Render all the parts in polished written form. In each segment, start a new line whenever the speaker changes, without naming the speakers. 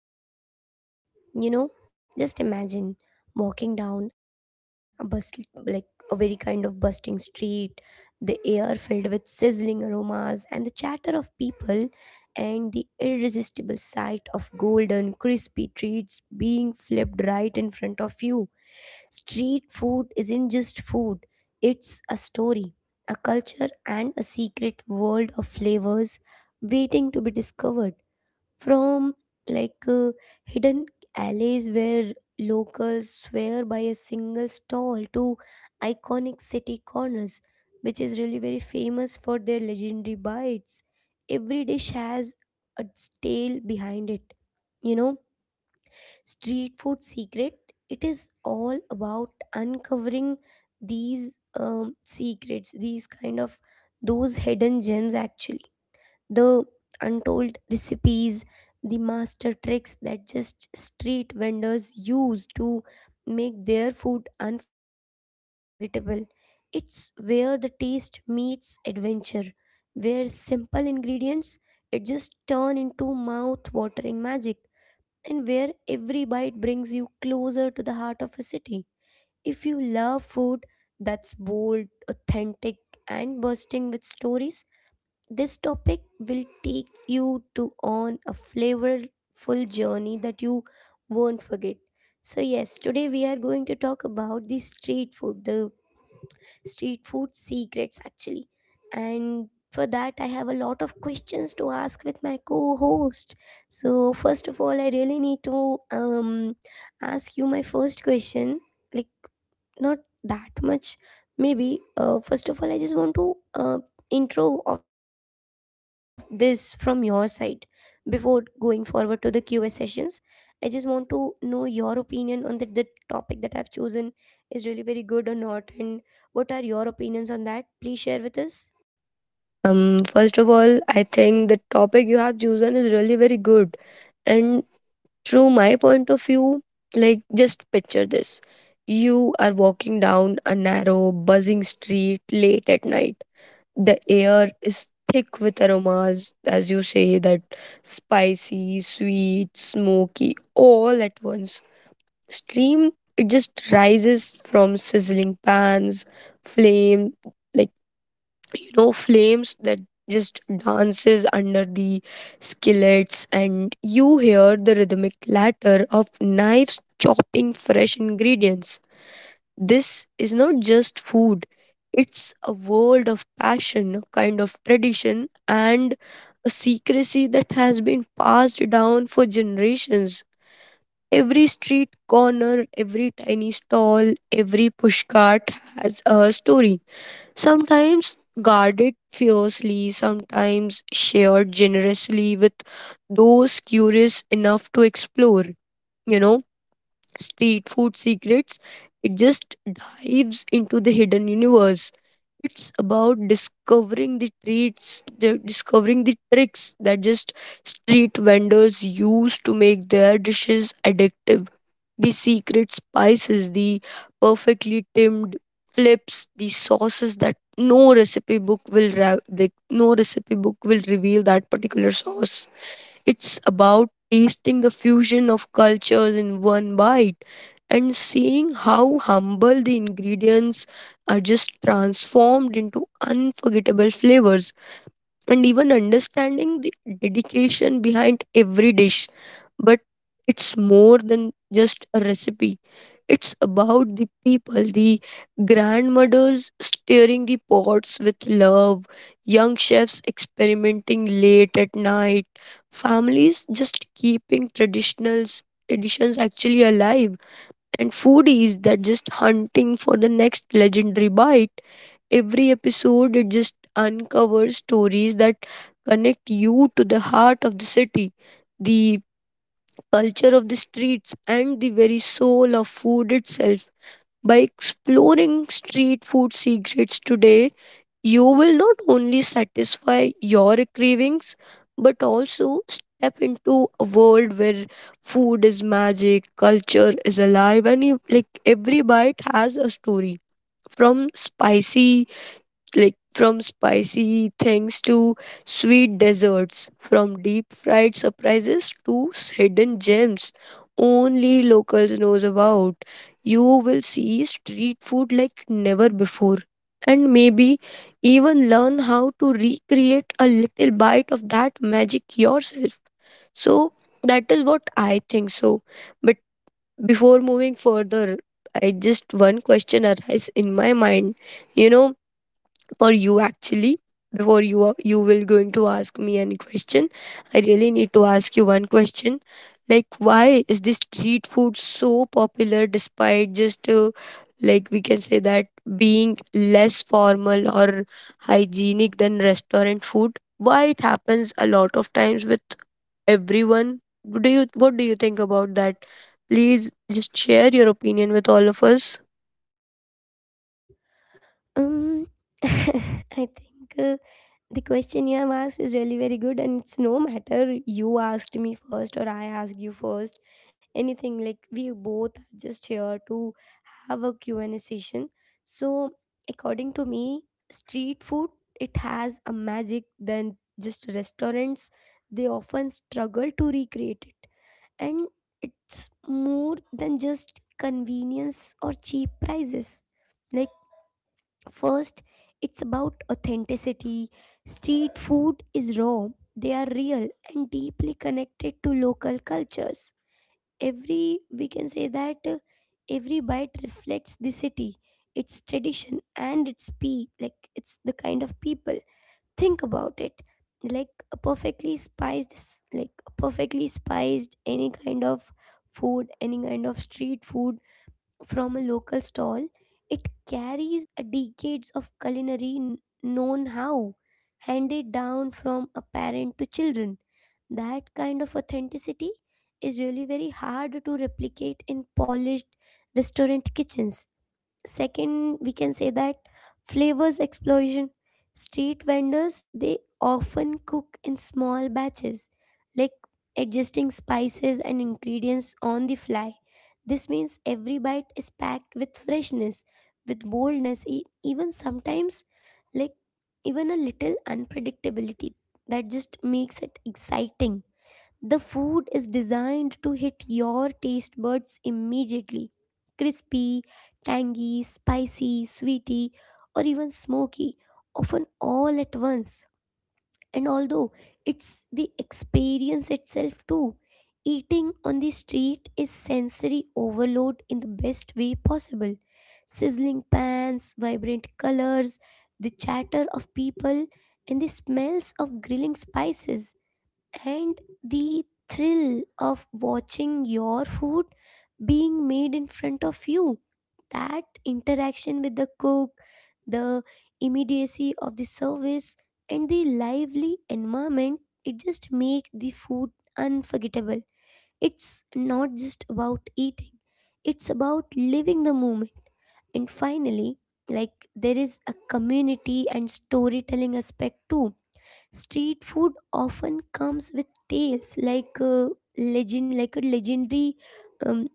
street food secrets. You know, just imagine walking down a bus like a very kind of busting street, the air filled with sizzling aromas and the chatter of people and the irresistible sight of golden crispy treats being flipped right in front of you. Street food isn't just food, it's a story, a culture, and a secret world of flavors waiting to be discovered from like hidden alleys where locals swear by a single stall to iconic city corners which is really very famous for their legendary bites. Every dish has a tale behind it you know Street Food Secret, it is all about uncovering these secrets, these kind of those hidden gems actually. The untold recipes, the master tricks that just street vendors use to make their food unforgettable. It's where the taste meets adventure, where simple ingredients it just turn into mouth watering magic, and where every bite brings you closer to the heart of a city. If you love food that's bold, authentic, and bursting with stories, this topic will take you to on a flavorful journey that you won't forget. So yes, today we are going to talk about the street food secrets actually. And for that, I have a lot of questions to ask with my co host. So, first of all, I really need to ask you my first question. Like, not that much maybe first of all I just want to intro of this from your side before going forward to the qa sessions, I just want to know your opinion on that, the topic that I've chosen is really very good or not, and what are your opinions on that, please share with us.
First of all, I think the topic you have chosen is really very good. And through my point of view, like just picture this. You are walking down a narrow, buzzing street late at night. The air is thick with aromas, as you say, that spicy, sweet, smoky, all at once. Steam, it just rises from sizzling pans, flame, like flames that just dances under the skillets, and you hear the rhythmic clatter of knives chopping fresh ingredients. This is not just food, it's a world of passion, a kind of tradition, and a secrecy that has been passed down for generations. Every street corner, every tiny stall, every pushcart has a story, sometimes guarded fiercely, sometimes shared generously with those curious enough to explore. You know, street food secrets, it just dives into the hidden universe. It's about discovering the treats, discovering the tricks that just street vendors use to make their dishes addictive, the secret spices, the perfectly timed flips, the sauces that no recipe book will ra- the, no recipe book will reveal that particular sauce. It's about tasting the fusion of cultures in one bite, and seeing how humble the ingredients are just transformed into unforgettable flavors, and even understanding the dedication behind every dish. But it's more than just a recipe, it's about the people, the grandmothers stirring the pots with love, young chefs experimenting late at night, families just keeping traditionals traditions actually alive, and foodies that just hunting for the next legendary bite. Every episode it just uncovers stories that connect you to the heart of the city, the culture of the streets, and the very soul of food itself. By exploring street food secrets today, you will not only satisfy your cravings, but also step into a world where food is magic, culture is alive, and you, like every bite has a story. From spicy from spicy things to sweet desserts, from deep fried surprises to hidden gems only locals knows about. You will see street food like never before, and maybe even learn how to recreate a little bite of that magic yourself. So that is what I think so. But before moving further, I just one question arise in my mind. You know, for you actually, you will going to ask me any question, I really need to ask you one question, like why is this street food so popular despite just like we can say that being less formal or hygienic than restaurant food? Why it happens a lot of times with everyone? Do you what do you think about that? Please just share your opinion with all of us.
Um, I think the question you have asked is really very good, and it's no matter you asked me first or I asked you first, anything like we both are just here to have a Q and a session. So, according to me, street food it has a magic than just restaurants. They often struggle to recreate it, and it's more than just convenience or cheap prices. Like, first, it's about authenticity. Street food is raw, they are real and deeply connected to local cultures. Every, we can say that every bite reflects the city, its tradition, and its pe like it's the kind of people. Think about it like a perfectly spiced, like a perfectly spiced any kind of food, any kind of street food from a local stall, it carries a decades of culinary known how, handed down from a parent to children. That kind of authenticity is really very hard to replicate in polished restaurant kitchens. Second, we can say that flavors explosion. Street vendors they often cook in small batches, like adjusting spices and ingredients on the fly. This means every bite is packed with freshness, with boldness, even sometimes like even a little unpredictability that just makes it exciting. The food is designed to hit your taste buds immediately, crispy, tangy, spicy, sweety, or even smoky, often all at once. And although it's the experience itself too, eating on the street is sensory overload in the best way possible. Sizzling pans, vibrant colors, the chatter of people, and the smells of grilling spices and the thrill of watching your food being made in front of you, that interaction with the cook, the immediacy of the service, and the lively environment, it just make the food unforgettable. It's not just about eating, it's about living the moment. And finally, like there is a community and storytelling aspect too. Street food often comes with tales like like a legendary, um,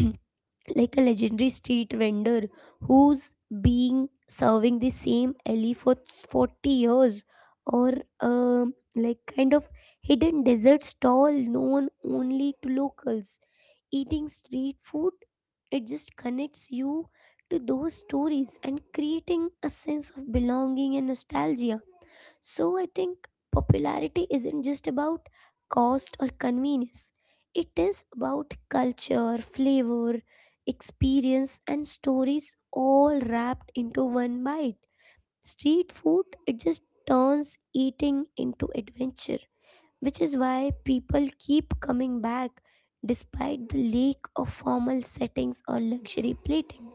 like a legendary street vendor who's being serving the same alley for 40 years, or like kind of hidden dessert stall known only to locals. Eating street food, it just connects you to those stories and creating a sense of belonging and nostalgia. So I think popularity isn't just about cost or convenience. It is about culture, flavor, experience, and stories all wrapped into one bite. Street food it just turns eating into adventure, which is why people keep coming back despite the lack of formal settings or luxury plating.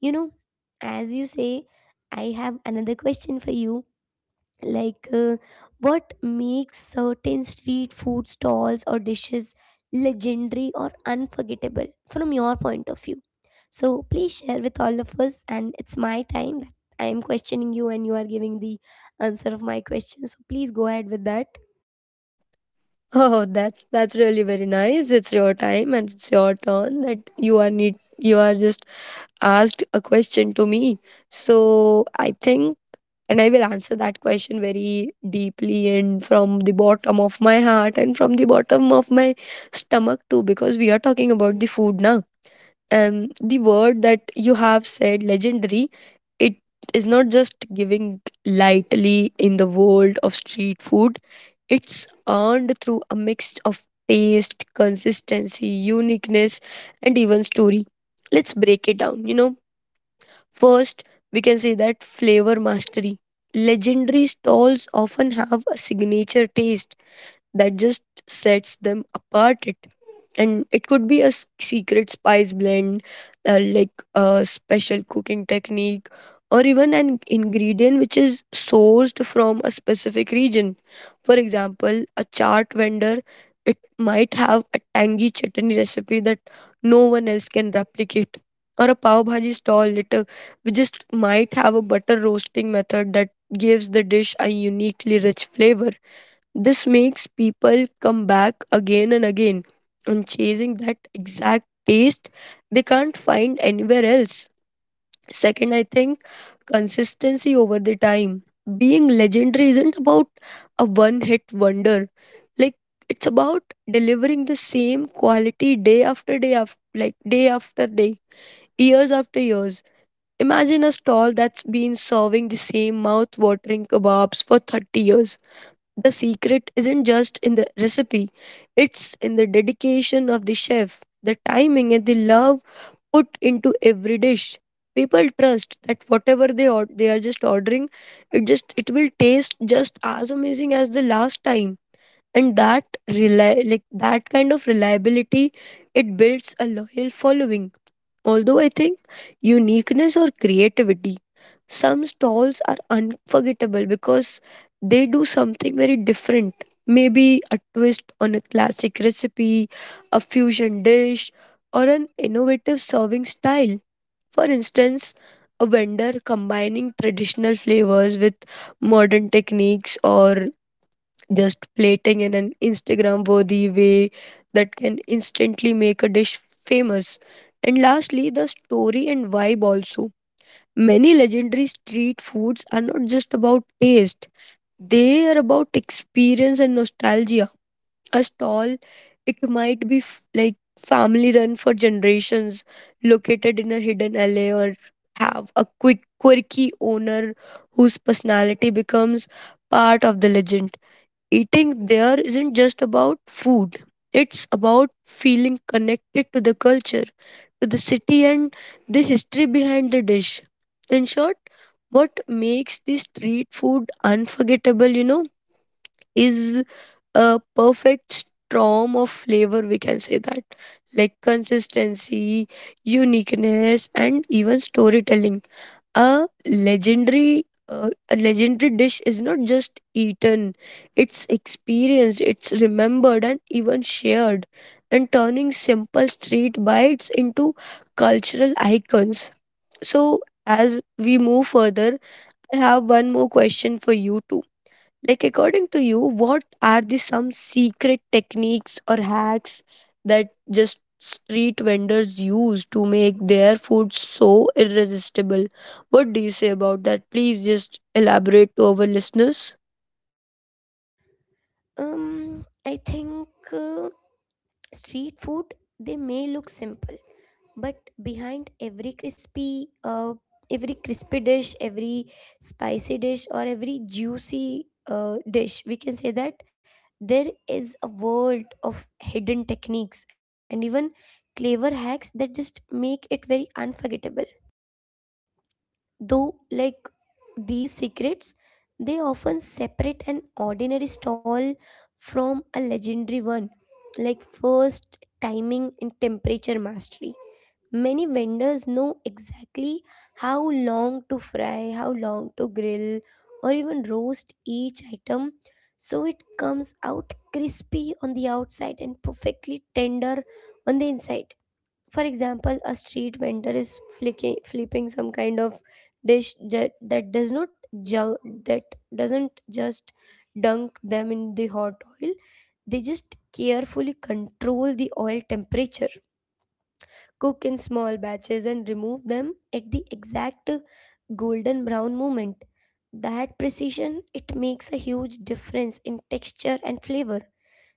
You know, as you say, I have another question for you, like what makes certain street food stalls or dishes legendary or unforgettable from your point of view, so please share with all of us, and it's my time that I am questioning you and you are giving the answer of my question, so please go ahead with that.
Oh, that's really very nice. It's your time and it's your turn that you are just asked a question to me. So I think, and I will answer that question very deeply and from the bottom of my heart and from the bottom of my stomach too, because we are talking about the food now. The word that you have said, legendary, it is not just giving lightly in the world of street food. It's earned through a mix of taste, consistency, uniqueness, and even story. Let's break it down, you know. First, we can say that flavor mastery. Legendary stalls often have a signature taste that just sets them apart. It and it could be a secret spice blend, like a special cooking technique, or even an ingredient which is sourced from a specific region. For example, a chart vendor, it might have a tangy chutney recipe that no one else can replicate. Or a pav bhaji stall, it we just might have a butter roasting method that gives the dish a uniquely rich flavor. This makes people come back again and again, and chasing that exact taste they can't find anywhere else. Second, I think consistency over the time. Being legendary isn't about a one hit wonder. Like, it's about delivering the same quality day after day after day, years after years. Imagine a stall that's been serving the same mouth watering kebabs for 30 years. The secret isn't just in the recipe, it's in the dedication of the chef, the timing, and the love put into every dish. People trust that whatever they are just ordering, it will taste just as amazing as the last time. And that rely like that kind of reliability, it builds a loyal following. Although I think uniqueness or creativity, some stalls are unforgettable because they do something very different. Maybe a twist on a classic recipe, a fusion dish, or an innovative serving style. For instance, a vendor combining traditional flavors with modern techniques, or just plating in an Instagram worthy way, that can instantly make a dish famous. And lastly, the story and vibe also. Many legendary street foods are not just about taste, they are about experience and nostalgia. A stall, it might be family run for generations, located in a hidden alley, or have a quick, quirky owner whose personality becomes part of the legend. Eating there isn't just about food, it's about feeling connected to the culture, to the city, and the history behind the dish. In short, what makes this street food unforgettable, you know, is a perfect storm of flavor, we can say that. Like consistency, uniqueness, and even storytelling. A legendary dish is not just eaten, it's experienced, it's remembered and even shared, and turning simple street bites into cultural icons. So as we move further, I have one more question for you too. Like, according to you, what are the some secret techniques or hacks that just street vendors use to make their food so irresistible? What do you say about that? Please just elaborate to our listeners.
I think street food they may look simple, but behind every crispy dish, every spicy dish, or every juicy dish we can say that there is a world of hidden techniques and even clever hacks that just make it very unforgettable. Though, like these secrets, they often separate an ordinary stall from a legendary one. Like first, timing and temperature mastery. Many vendors know exactly how long to fry, how long to grill, or even roast each item so it comes out crispy on the outside and perfectly tender on the inside. For example, a street vendor is flicking, flipping some kind of dish that, that does not ju- that doesn't just dunk them in the hot oil. They just carefully control the oil temperature, cook in small batches, and remove them at the exact golden brown moment. That precision it makes a huge difference in texture and flavor.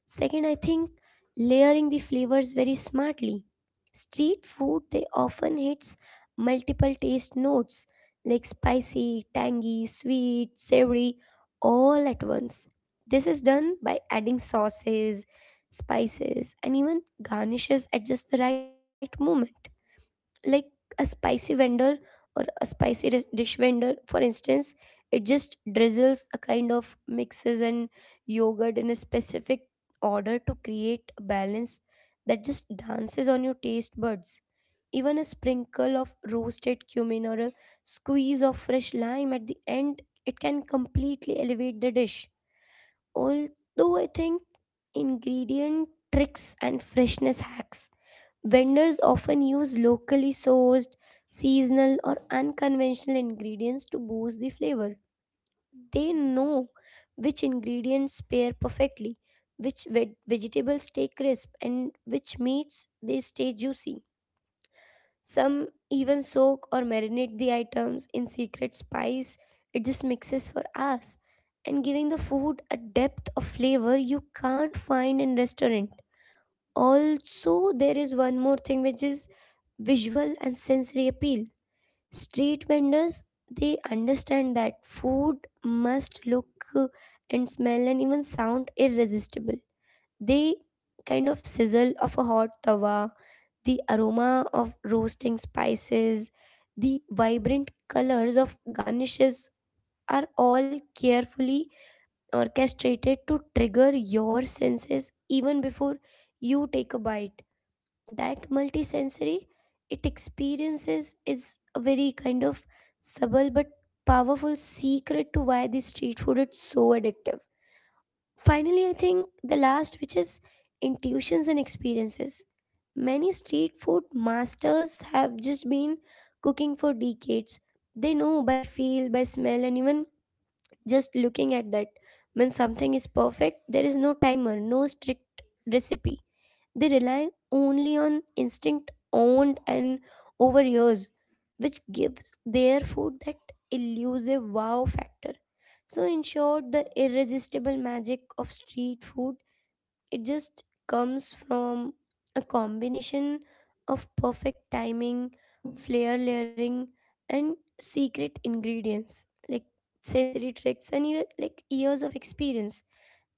Second, I think layering the flavors very smartly. Street food they often hits multiple taste notes like spicy, tangy, sweet, savory, all at once. This is done by adding sauces, spices, and even garnishes at just the right moment, like a spicy vendor or a spicy dish vendor for instance, it just drizzles a kind of mixes and yogurt in a specific order to create a balance that just dances on your taste buds. Even a sprinkle of roasted cumin or a squeeze of fresh lime at the end it can completely elevate the dish. Although I think ingredient tricks and freshness hacks, vendors often use locally sourced, seasonal, or unconventional ingredients to boost the flavor. They know which ingredients pair perfectly, which vegetables stay crisp, and which meats they stay juicy. Some even soak or marinate the items in secret spice. It just mixes for us and giving the food a depth of flavor you can't find in restaurant. Also, there is one more thing which is visual and sensory appeal. Street vendors, they understand that food must look uh, and smell and even sound irresistible. They kind of sizzle of a hot tawa, the aroma of roasting spices, the vibrant colors of garnishes are all carefully orchestrated to trigger your senses even before you take a bite. That multisensory, it experiences is a very kind of subtle but powerful secret to why this street food is so addictive. Finally, I think the last, which is intuitions and experiences. Many street food masters have just been cooking for decades. They know by feel, by smell, and even just looking at that when something is perfect. There is no timer, no strict recipe, they rely only on instinct owned and over years, which gives their food that elusive wow factor. So, in short, the irresistible magic of street food it just comes from a combination of perfect timing, flair layering, and secret ingredients like sensory tricks and like years of experience.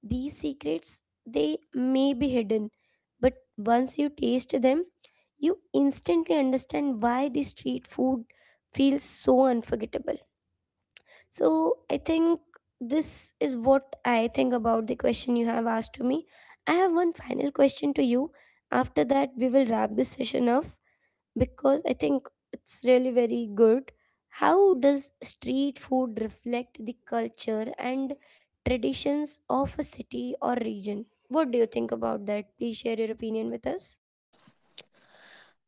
These secrets, they may be hidden, but once you taste them, you instantly understand why the street food feels so unforgettable. So I think this is what I think about the question you have asked to me. I have one final question to you. After that, we will wrap this session up because I think it's really very good. How does street food reflect the culture and traditions of a city or region? What do you think about that? Please share your opinion with us.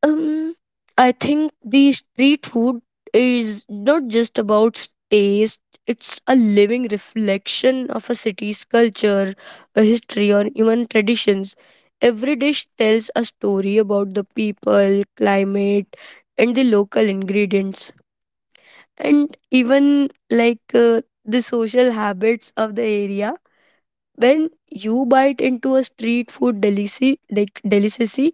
Um, I think the street food is not just about taste, it's a living reflection of a city's culture, a history, or even traditions. Every dish tells a story about the people, climate, and the local ingredients, and even the social habits of the area. When you bite into a street food delicacy, like delicacy,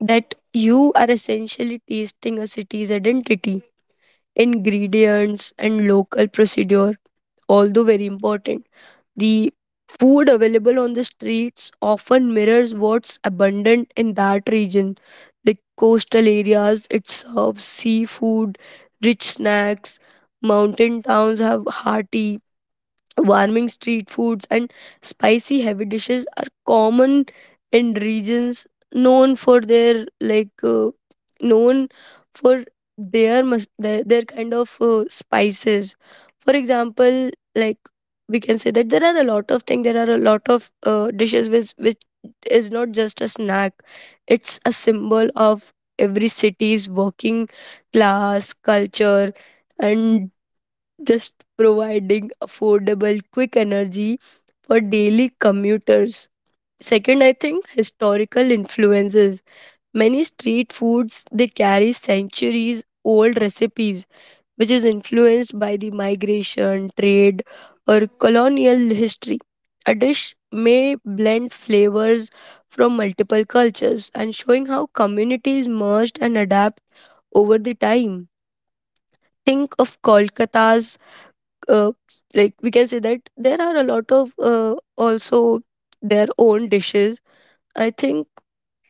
that you are essentially tasting a city's identity, ingredients, and local procedure, although very important. The food available on the streets often mirrors what's abundant in that region. Like coastal areas, it serves seafood, rich snacks. Mountain towns have hearty, warming street foods, and spicy heavy dishes are common in regions known for their known for their spices. For example, like we can say that there are a lot of things. There are a lot of dishes which is not just a snack. It's a symbol of every city's working class culture, and just providing affordable, quick energy for daily commuters. Second, I think historical influences. Many street foods they carry centuries old recipes, which is influenced by the migration, trade, or colonial history. A dish may blend flavors from multiple cultures and showing how communities merged and adapt over the time. Think of Kolkata's uh, like we can say that there are a lot of also their own dishes, I think.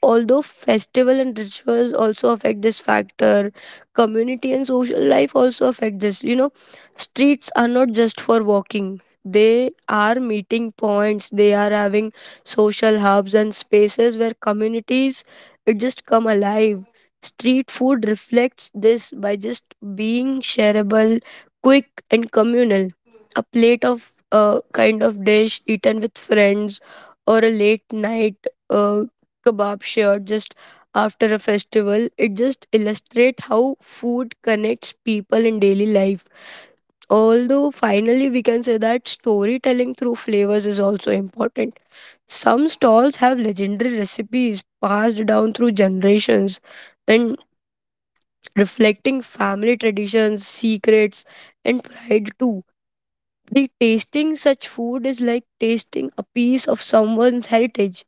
Although festival and rituals also affect this factor, community and social life also affect this. You know, streets are not just for walking. They are meeting points. They are having social hubs and spaces where communities it just come alive. Street food reflects this by just being shareable, quick and communal. A plate of a kind of dish eaten with friends, or a late night uh kebab shared just after a festival, it just illustrates how food connects people in daily life. Although, finally, we can say that storytelling through flavors is also important. Some stalls have legendary recipes passed down through generations, and reflecting family traditions, secrets, and pride too. The tasting such food is like tasting a piece of someone's heritage,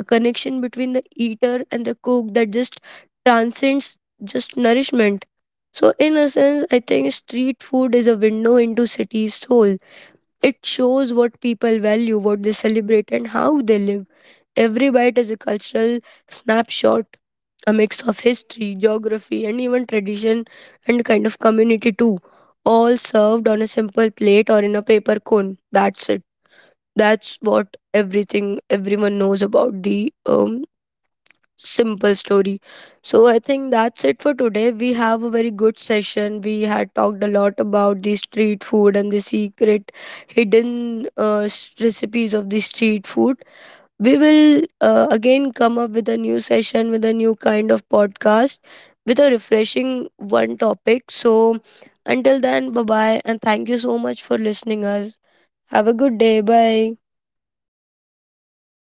a connection between the eater and the cook that just transcends just nourishment. So, in a sense, I think street food is a window into city's soul. It shows what people value, what they celebrate, and how they live. Every bite is a cultural snapshot, a mix of history, geography, and even tradition, and kind of community too, all served on a simple plate or in a paper cone. That's it. That's what everything everyone knows about the simple story. So I think that's it for today. We have a very good session. We had talked a lot about the street food and the secret hidden recipes of the street food. We will again come up with a new session, with a new kind of podcast with a refreshing one topic. So until then, bye bye, and thank you so much for listening us. Have a good day. Bye.